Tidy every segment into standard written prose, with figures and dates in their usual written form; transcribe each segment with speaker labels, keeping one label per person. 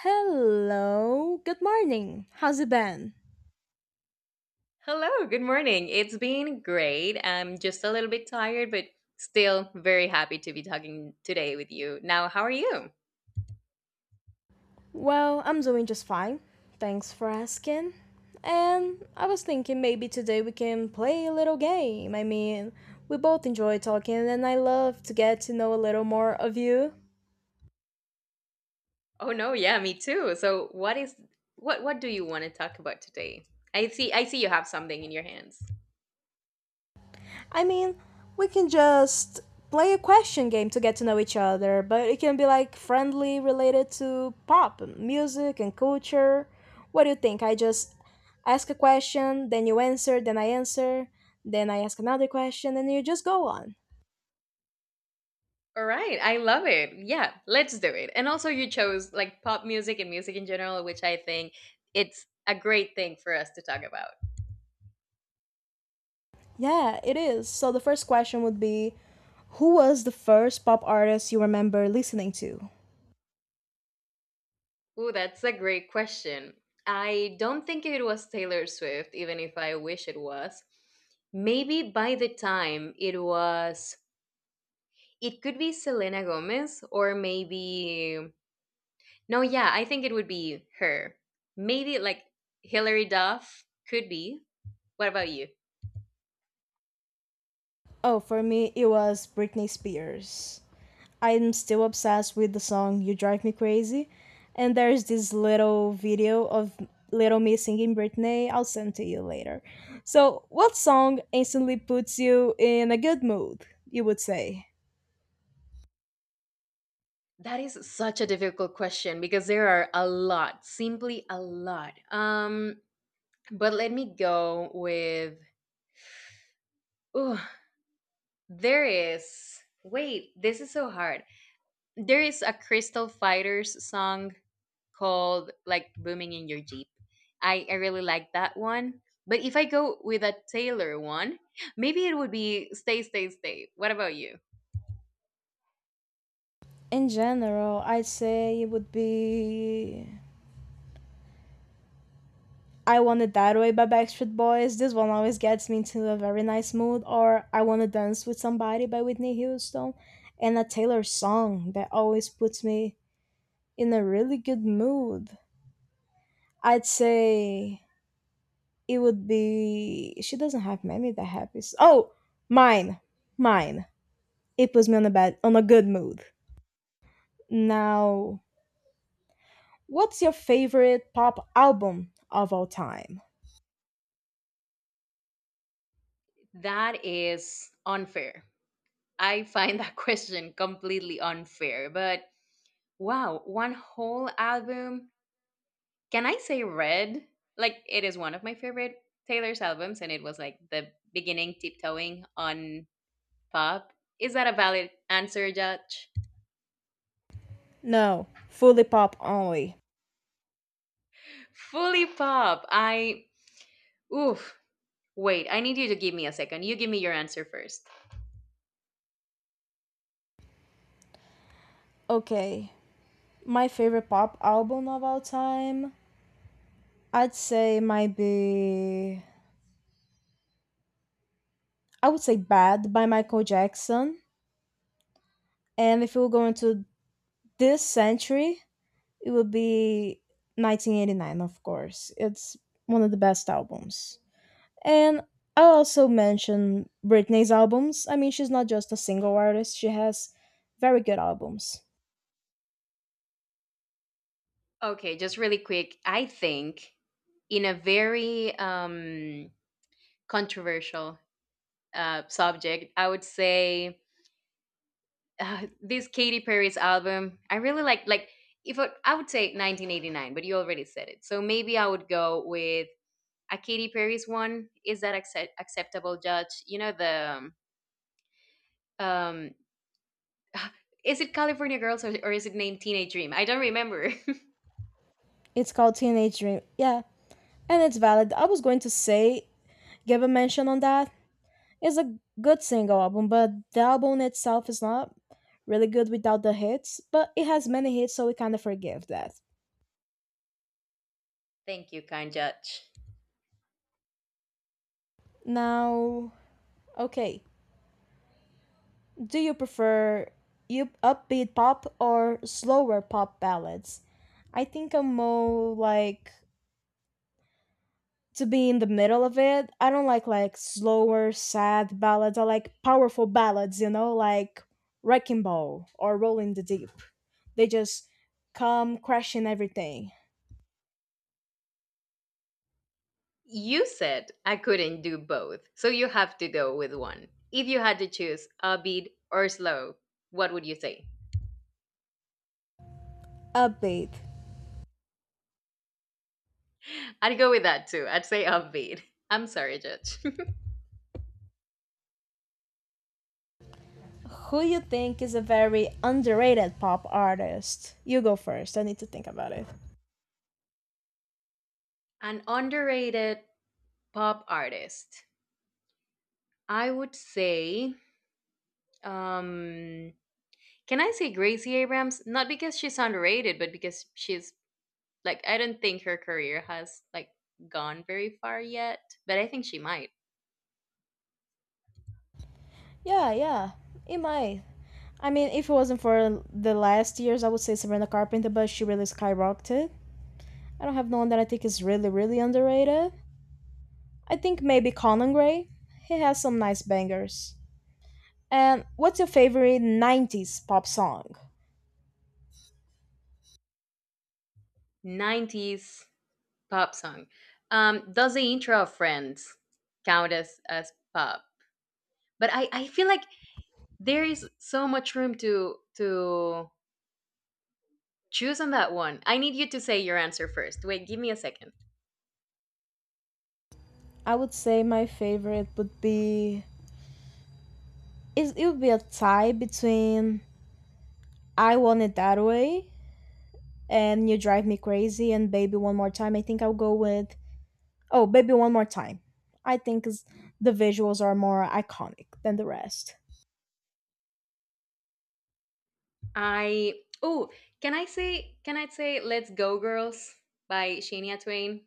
Speaker 1: Hello, good morning. How's it been?
Speaker 2: Hello, good morning. It's been great. I'm just a little bit tired, but still very happy to be talking today with you. Now, how are you?
Speaker 1: Well, I'm doing just fine. Thanks for asking. And I was thinking maybe today we can play a little game. I mean, we both enjoy talking and I love to get to know a little more of you.
Speaker 2: Oh no, yeah, me too. So, what is what do you want to talk about today? I see you have something in your hands.
Speaker 1: I mean, we can just play a question game to get to know each other, but it can be like friendly related to pop, music, and culture. What do you think? I just ask a question, then you answer, then I ask another question, and you just go on.
Speaker 2: All right, I love it. Yeah, let's do it. And also you chose like pop music and music in general, which I think it's a great thing for us to talk about.
Speaker 1: Yeah, it is. So the first question would be, who was the first pop artist you remember listening to?
Speaker 2: Oh, that's a great question. I don't think it was Taylor Swift, even if I wish it was. Maybe by the time it was, it could be Selena Gomez, or maybe, no, yeah, I think it would be her. Maybe like Hilary Duff could be. What about you?
Speaker 1: Oh, for me, it was Britney Spears. I'm still obsessed with the song You Drive Me Crazy. And there's this little video of Little Me singing Britney. I'll send to you later. So, what song instantly puts you in a good mood, you would say?
Speaker 2: That is such a difficult question because there are a lot, simply a lot. But let me go with. Ooh, there is. Wait, this is so hard. There is a Crystal Fighters song called like Booming in Your Jeep. I really like that one. But if I go with a Taylor one, maybe it would be Stay, Stay, Stay. What about you?
Speaker 1: In general, I'd say it would be I Want It That Way by Backstreet Boys. This one always gets me into a very nice mood. Or I Want to Dance with Somebody by Whitney Houston. And a Taylor song that always puts me in a really good mood. I'd say it would be. She doesn't have many that happy. Oh, mine. Mine. It puts me on a good mood. Now, what's your favorite pop album of all time?
Speaker 2: That is unfair. I find that question completely unfair. But wow, one whole album. Can I say Red? Like it is one of my favorite Taylor's albums and it was like the beginning tiptoeing on pop. Is that a valid answer, Judge?
Speaker 1: No, fully pop only.
Speaker 2: Fully pop. I Oof. Wait, I need you to give me a second. You give me your answer first.
Speaker 1: Okay. My favorite pop album of all time, I'd say might be I would say Bad by Michael Jackson. And if we were going to this century, it would be 1989, of course. It's one of the best albums. And I also mention Britney's albums. I mean, she's not just a single artist, she has very good albums.
Speaker 2: Okay, just really quick. I think in a very controversial subject, I would say this Katy Perry's album. I really like if I would say 1989, but you already said it. So maybe I would go with a Katy Perry's one. Is that acceptable, Judge? You know the um, um is it California Girls or is it named Teenage Dream? I don't remember.
Speaker 1: It's called Teenage Dream. Yeah, and it's valid. I was going to say, give a mention on that. It's a good single album, but the album itself is not really good without the hits, but it has many hits, so we kind of forgive that.
Speaker 2: Thank you, kind judge.
Speaker 1: Now, okay, do you prefer you upbeat pop or slower pop ballads? I think I'm more like to be in the middle of it. I don't like slower, sad ballads. I like powerful ballads, like Wrecking Ball or Rolling the Deep. They just come crashing everything.
Speaker 2: You said I couldn't do both, so you have to go with one. If you had to choose upbeat or slow, what would you say?
Speaker 1: Upbeat.
Speaker 2: I'd go with that too. I'd say upbeat. I'm sorry, judge.
Speaker 1: Who you think is a very underrated pop artist? You go first. I need to think about it.
Speaker 2: An underrated pop artist. I would say, um, can I say Gracie Abrams? Not because she's underrated, but because she's like, I don't think her career has like gone very far yet, but I think she might.
Speaker 1: Yeah, yeah. It might. I mean, if it wasn't for the last years, I would say Sabrina Carpenter, but she really skyrocketed. I don't have no one that I think is really, really underrated. I think maybe Conan Gray. He has some nice bangers. And what's your favorite 90s pop song?
Speaker 2: 90s pop song. Does the intro of Friends count as pop? But I feel like there is so much room to choose on that one. I need you to say your answer first. Wait, give me a second.
Speaker 1: I would say my favorite would be. It would be a tie between I Want It That Way and You Drive Me Crazy and Baby One More Time. I think I'll go with oh, Baby One More Time. I think is the visuals are more iconic than the rest.
Speaker 2: I oh, can I say Let's Go Girls by Shania Twain?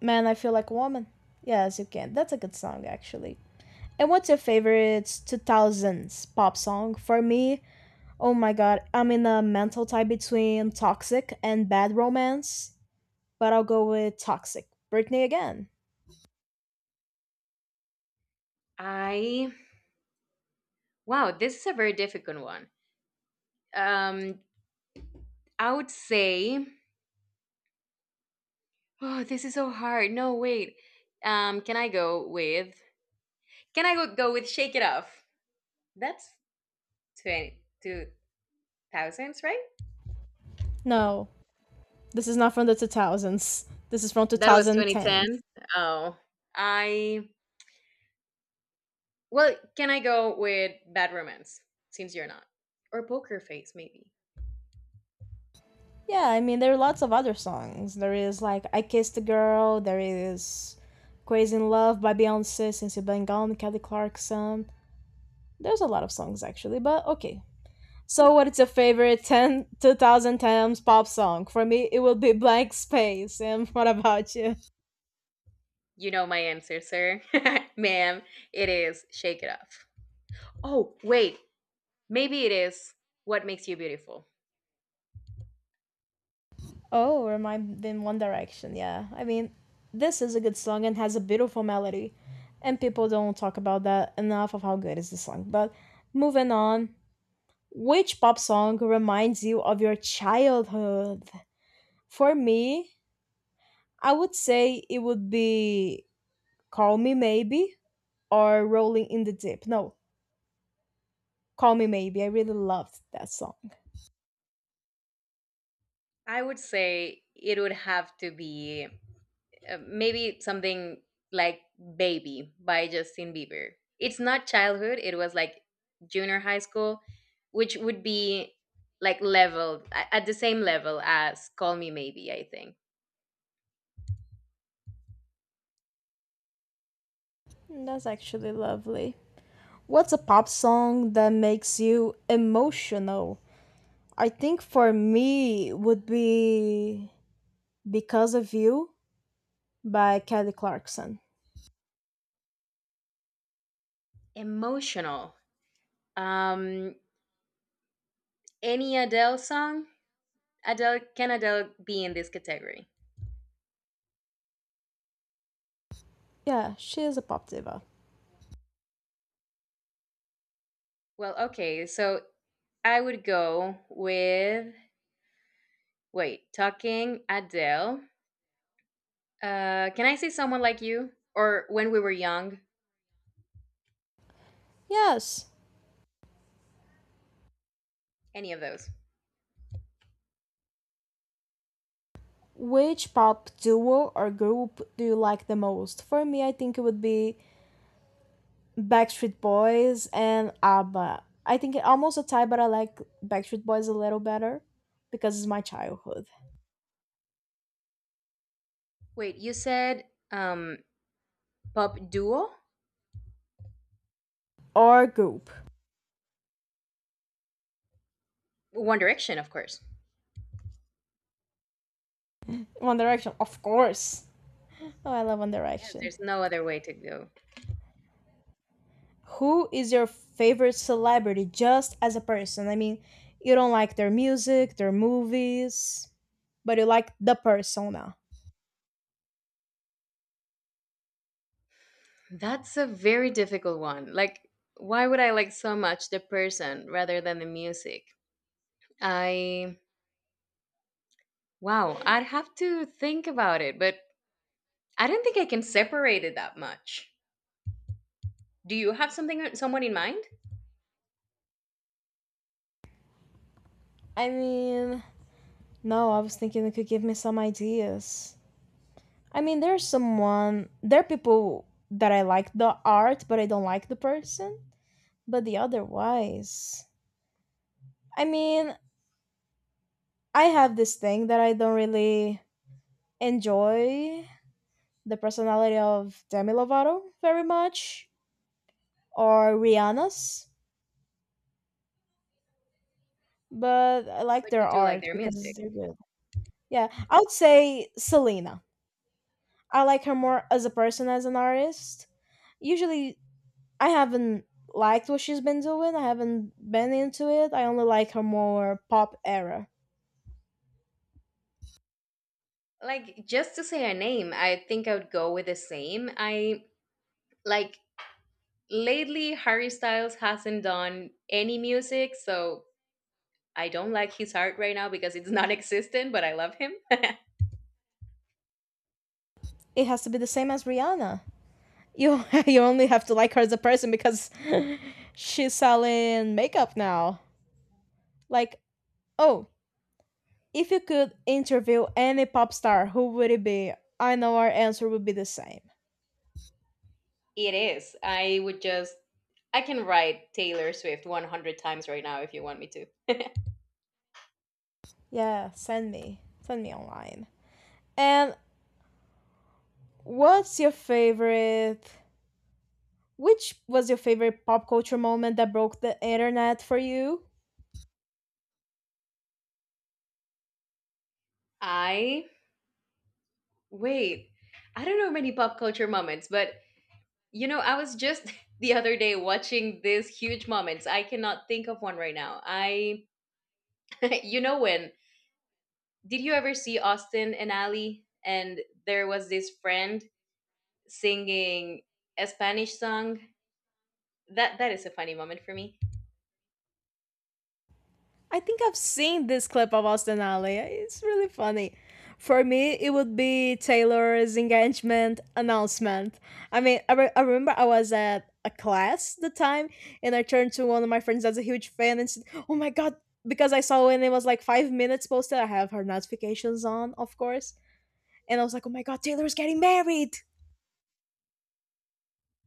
Speaker 1: Man, I feel like a woman. Yes, you can. That's a good song actually. And what's your favorite 2000s pop song? For me, oh my god, I'm in a mental tie between Toxic and Bad Romance, but I'll go with Toxic. Britney again.
Speaker 2: I Wow, this is a very difficult one. Um I would say, oh, this is so hard. No, wait. Um can I go with Can I go with Shake It Off? That's 20 2000s, right?
Speaker 1: No, this is not from the 2000s. This is from
Speaker 2: That was 2010.
Speaker 1: 2010s.
Speaker 2: Oh. I can I go with Bad Romance since you're not, or Poker Face maybe?
Speaker 1: Yeah, I mean, there are lots of other songs. There is like I Kissed a Girl, there is Crazy in Love by Beyonce, Since You've Been Gone, Kelly Clarkson. There's a lot of songs actually, but okay. So, what is your favorite 10 2010s pop song? For me, it will be Blank Space. And what about you?
Speaker 2: You know my answer, sir. Ma'am, it is Shake It Off. Oh, wait. Maybe it is What Makes You Beautiful.
Speaker 1: Oh, remind in One Direction. Yeah, I mean, this is a good song and has a beautiful melody, and people don't talk about that enough of how good is the song. But moving on, which pop song reminds you of your childhood? For me, I would say it would be Call Me Maybe or Rolling in the Deep. No, Call Me Maybe. I really loved that song.
Speaker 2: I would say it would have to be maybe something like Baby by Justin Bieber. It's not childhood, it was like junior high school, which would be like leveled at the same level as Call Me Maybe, I think.
Speaker 1: That's actually lovely. What's a pop song that makes you emotional? I think for me would be Because of You by Kelly Clarkson.
Speaker 2: Emotional. Um any Adele song? Adele, can Adele be in this category?
Speaker 1: Yeah, she is a pop diva.
Speaker 2: Well, okay, so I would go with, wait, talking Adele. Can I say someone like you or when we were young?
Speaker 1: Yes.
Speaker 2: Any of those?
Speaker 1: Which pop duo or group do you like the most? For me, I think it would be Backstreet Boys and ABBA. I think it almost a tie, but I like Backstreet Boys a little better because it's my childhood.
Speaker 2: Wait, you said um pop duo?
Speaker 1: Or group.
Speaker 2: One Direction, of course.
Speaker 1: One Direction, of course. Oh, I love One
Speaker 2: Yes,
Speaker 1: Direction.
Speaker 2: there's no other way to go.
Speaker 1: Who is your favorite celebrity just as a person? I mean, you don't like their music, their movies, but you like the persona.
Speaker 2: That's a very difficult one. Like, why would I like so much the person rather than the music? I Wow, I'd have to think about it, but I don't think I can separate it that much. Do you have something someone in mind?
Speaker 1: I mean, no, I was thinking you could give me some ideas. I mean, there's someone, there are people that I like the art, but I don't like the person. But the otherwise, I mean, I have this thing that I don't really enjoy the personality of Demi Lovato very much or Rihanna's, but I like
Speaker 2: What do
Speaker 1: their
Speaker 2: you do like
Speaker 1: art
Speaker 2: their
Speaker 1: because
Speaker 2: music?
Speaker 1: they're good. Yeah, I would say Selena. I like her more as a person, as an artist usually I haven't liked what she's been doing. I haven't been into it. I only like her more pop era.
Speaker 2: Like just to say a name, I think I would go with the same. I like Lately Harry Styles hasn't done any music, so I don't like his art right now because it's non existent, but I love him.
Speaker 1: It has to be the same as Rihanna. You you only have to like her as a person because she's selling makeup now. Like, oh, if you could interview any pop star, who would it be? I know our answer would be the same.
Speaker 2: It is. I would just I can write Taylor Swift 100 times right now if you want me to.
Speaker 1: Yeah, send me. Send me online. And what's your favorite which was your favorite pop culture moment that broke the internet for you?
Speaker 2: I Wait. I don't know many pop culture moments, but I was just the other day watching these huge moments. I cannot think of one right now. When did you ever see Austin and Ali? And there was this friend singing a Spanish song. That is a funny moment for me.
Speaker 1: I think I've seen this clip of Austin Alley. It's really funny. For me, it would be Taylor's engagement announcement. I mean, I remember I was at a class the time, and I turned to one of my friends that's a huge fan and said, "Oh my god!" Because I saw when it was like 5 minutes posted. I have her notifications on, of course, and I was like, "Oh my god, Taylor's getting married!"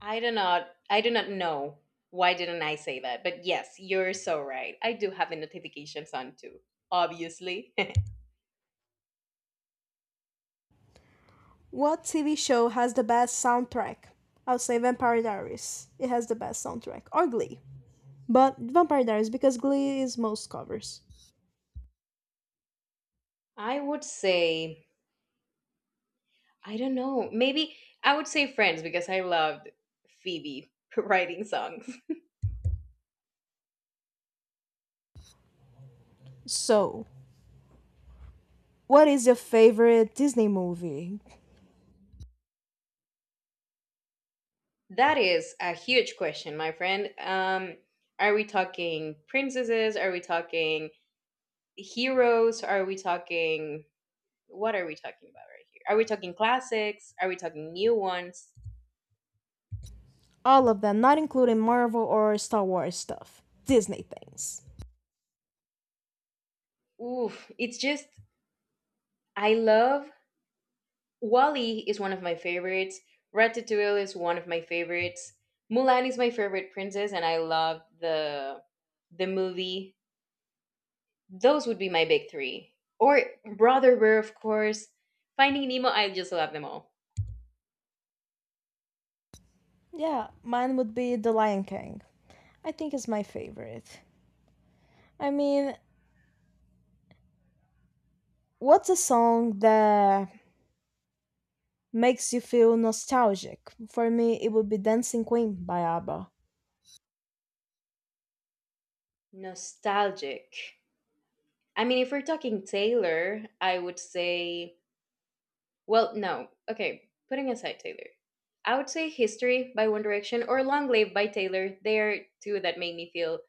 Speaker 2: I do not know why didn't I say that. But yes, you're so right. I do have the notifications on too. Obviously,
Speaker 1: What TV show has the best soundtrack? I'll say Vampire Diaries. It has the best soundtrack. Or Glee. But Vampire Diaries, because Glee is most covers.
Speaker 2: I would say I don't know. Maybe I would say Friends because I loved Phoebe writing songs.
Speaker 1: So, what is your favorite Disney movie?
Speaker 2: That is a huge question, my friend. Are we talking princesses? Are we talking heroes? Are we talking what are we talking about right here? Are we talking classics? Are we talking new ones?
Speaker 1: All of them, not including Marvel or Star Wars stuff. Disney things.
Speaker 2: Oof! It's just I love Wally is one of my favorites. Ratatouille is one of my favorites. Mulan is my favorite princess, and I love the the movie. Those would be my big three. Or Brother Were, of course. Finding Nemo, I just love them all.
Speaker 1: Yeah, mine would be The Lion King. I think it's my favorite. I mean, what's a song that makes you feel nostalgic? For me, it would be Dancing Queen by ABBA.
Speaker 2: Nostalgic. I mean, if we're talking Taylor, I would say, well, no. Okay, putting aside Taylor, I would say History by One Direction or Long Live by Taylor. They are two that make me feel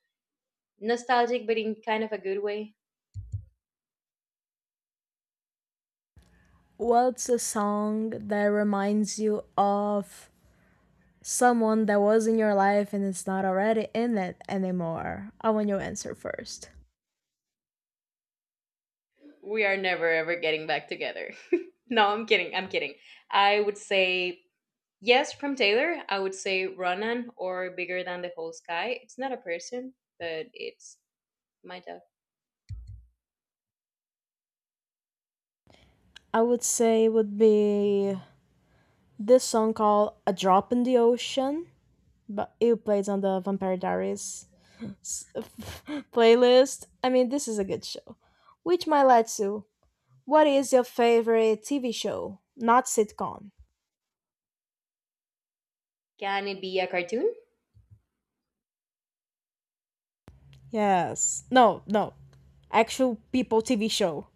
Speaker 2: nostalgic, but in kind of a good way.
Speaker 1: What's a song that reminds you of someone that was in your life and it's not already in it anymore? I want your answer first.
Speaker 2: We are never ever getting back together. No, I'm kidding. I'm kidding. I would say, yes, from Taylor, I would say Ronan or Bigger Than the Whole Sky. It's not a person, but it's my dog.
Speaker 1: I would say it would be this song called A Drop in the Ocean, but it plays on the Vampire Diaries playlist. I mean, this is a good show. Which Mailetsu, what is your favorite TV show? Not sitcom.
Speaker 2: Can it be a cartoon?
Speaker 1: Yes. No, no. Actual people TV show.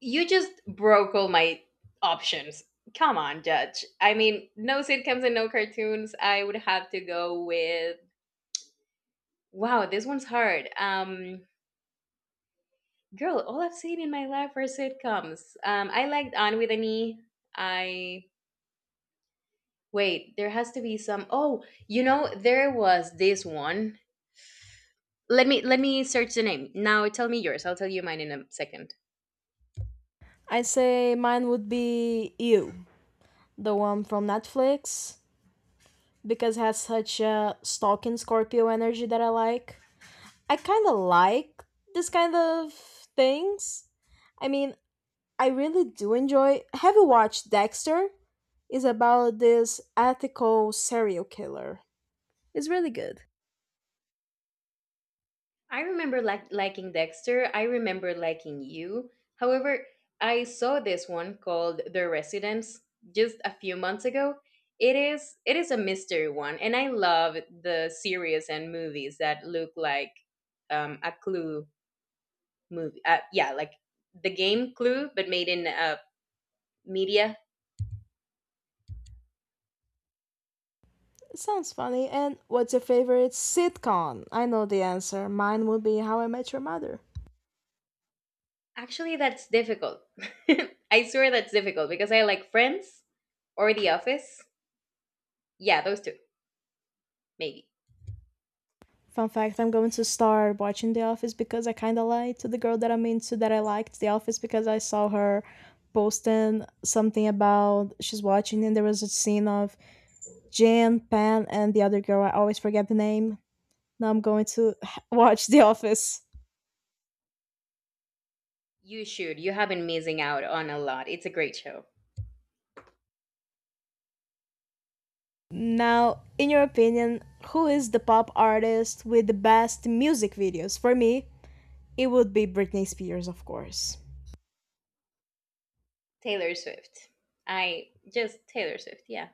Speaker 2: You just broke all my options. Come on, Judge. I mean, no sitcoms and no cartoons. I would have to go with. Wow, this one's hard. Girl, all I've seen in my life are sitcoms. I liked On with an E. I Wait. There has to be some. Oh, there was this one, let me search the name. Now tell me yours, I'll tell you mine in a second.
Speaker 1: I say mine would be You, the one from Netflix, because it has such a stalking Scorpio energy that I like. I kind of like this kind of things. I mean, I really do enjoy. Have you watched Dexter? It's about this ethical serial killer. It's really good.
Speaker 2: I remember like liking Dexter. I remember liking You, however, I saw this one called The Residence just a few months ago. It is a mystery one, and I love the series and movies that look like, a clue movie, yeah, like the game Clue, but made in, media.
Speaker 1: It sounds funny. And what's your favorite sitcom? I know the answer. Mine would be How I Met Your Mother.
Speaker 2: Actually, that's difficult. I swear that's difficult because I like Friends or The Office. Yeah, those two, maybe.
Speaker 1: Fun fact, I'm going to start watching The Office because I kind of lied to the girl that I'm into that I liked The Office because I saw her posting something about she's watching and there was a scene of Jan, Pan, and the other girl. I always forget the name. Now I'm going to watch The Office.
Speaker 2: You should. You have been missing out on a lot. It's a great show.
Speaker 1: Now, in your opinion, who is the pop artist with the best music videos? For me, it would be Britney Spears, of course.
Speaker 2: Taylor Swift. I just Taylor Swift, yeah.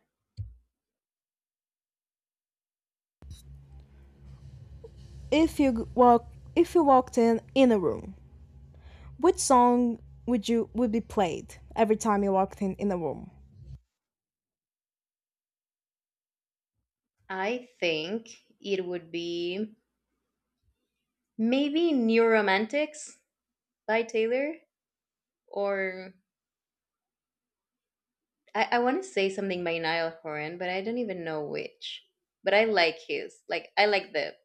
Speaker 1: If you walk if you walked in a room, which song would be played every time you walked in a room?
Speaker 2: I think it would be maybe New Romantics by Taylor, or I want to say something by Niall Horan, but I don't even know which. But I like the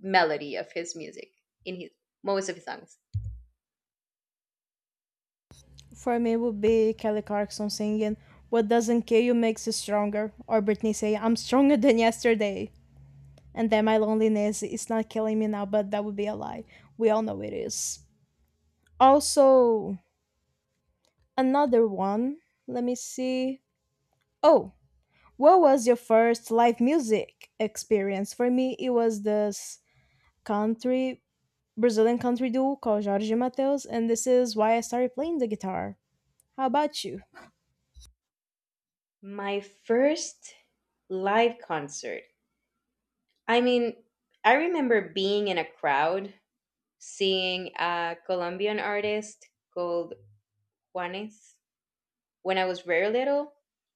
Speaker 2: melody of his music in his most of his songs.
Speaker 1: For me, it would be Kelly Clarkson singing "What Doesn't Kill You Makes You Stronger," or Britney saying "I'm stronger than yesterday," and then my loneliness is not killing me now, but that would be a lie. We all know it is. Also, another one. Let me see. Oh, what was your first live music experience? For me, it was this country Brazilian country duo called Jorge Mateus, and this is why I started playing the guitar. How about you?
Speaker 2: My first live concert. I mean, I remember being in a crowd seeing a Colombian artist called Juanes when I was very little.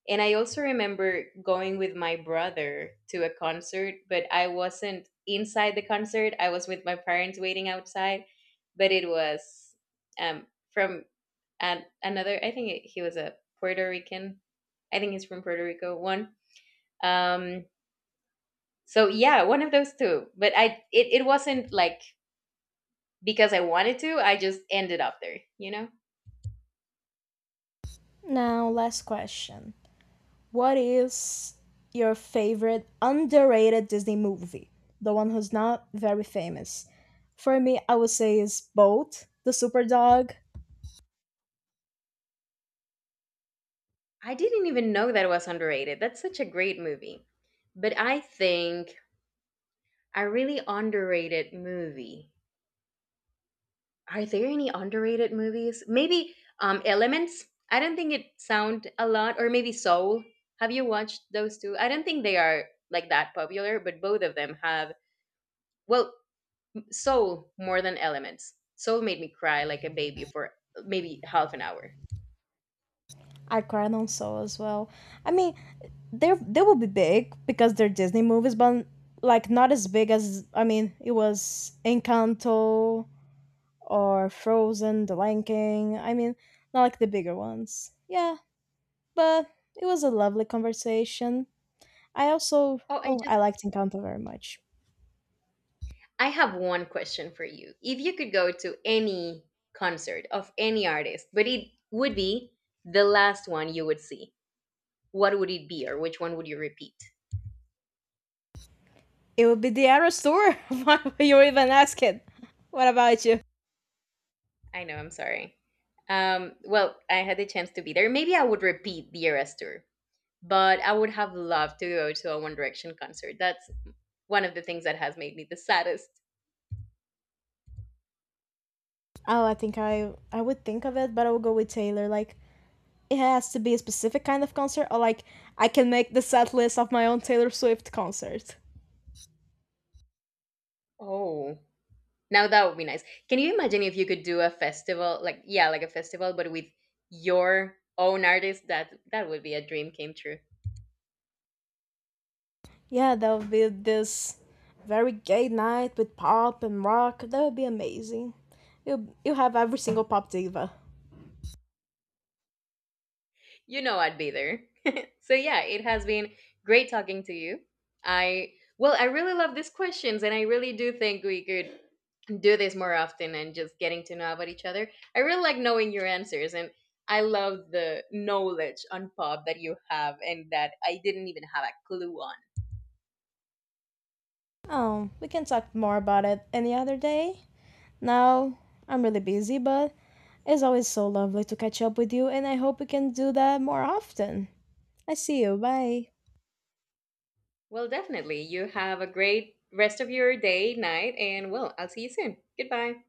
Speaker 2: And I also remember going with my brother to a concert, but I wasn't inside the concert. I was with my parents waiting outside. But it was from another, I think he was a Puerto Rican. I think he's from Puerto Rico, one. Um, so yeah, one of those two. But it wasn't like because I wanted to. I just ended up there, you know?
Speaker 1: Now, last question. What is your favorite underrated Disney movie? The one who's not very famous. For me, I would say is both the Superdog.
Speaker 2: I didn't even know that was underrated. That's such a great movie. But I think a really underrated movie. Are there any underrated movies? Maybe Elements. I don't think it sound a lot or maybe Soul. Have you watched those two? I don't think they are like that popular, but both of them have, well, Soul more than Elements. Soul made me cry like a baby for maybe half an hour.
Speaker 1: I cried on Soul as well. I mean, they will be big because they're Disney movies, but like not as big as I mean, it was Encanto, or Frozen, The Lion King. I mean, not like the bigger ones. Yeah, but it was a lovely conversation. I also,
Speaker 2: Oh,
Speaker 1: oh, I liked Encanto very much.
Speaker 2: I have one question for you. If you could go to any concert of any artist, but it would be the last one you would see, what would it be, or which one would you repeat?
Speaker 1: It would be the Arrow store. Why were you even asking? What about you?
Speaker 2: I know, I'm sorry. Well, I had the chance to be there. Maybe I would repeat the Eras tour, but I would have loved to go to a One Direction concert. That's one of the things that has made me the saddest.
Speaker 1: Oh, I think I would think of it, but I would go with Taylor. Like it has to be a specific kind of concert, or like I can make the set list of my own Taylor Swift concert.
Speaker 2: Oh. Now that would be nice. Can you imagine if you could do a festival, like, yeah, like a festival, but with your own artist? That would be a dream came true.
Speaker 1: Yeah, that would be this very gay night with pop and rock. That would be amazing. You have every single pop diva.
Speaker 2: You know, I'd be there. So, yeah, it has been great talking to you. I really love these questions, and I really do think we could do this more often and just getting to know about each other. I really like knowing your answers, and I love the knowledge on pop that you have and that I didn't even have a clue on.
Speaker 1: Oh, we can talk more about it any other day. Now I'm really busy, but it's always so lovely to catch up with you, and I hope we can do that more often. I see you. Bye.
Speaker 2: Well, definitely. You have a great rest of your day, night, and well, I'll see you soon. Goodbye.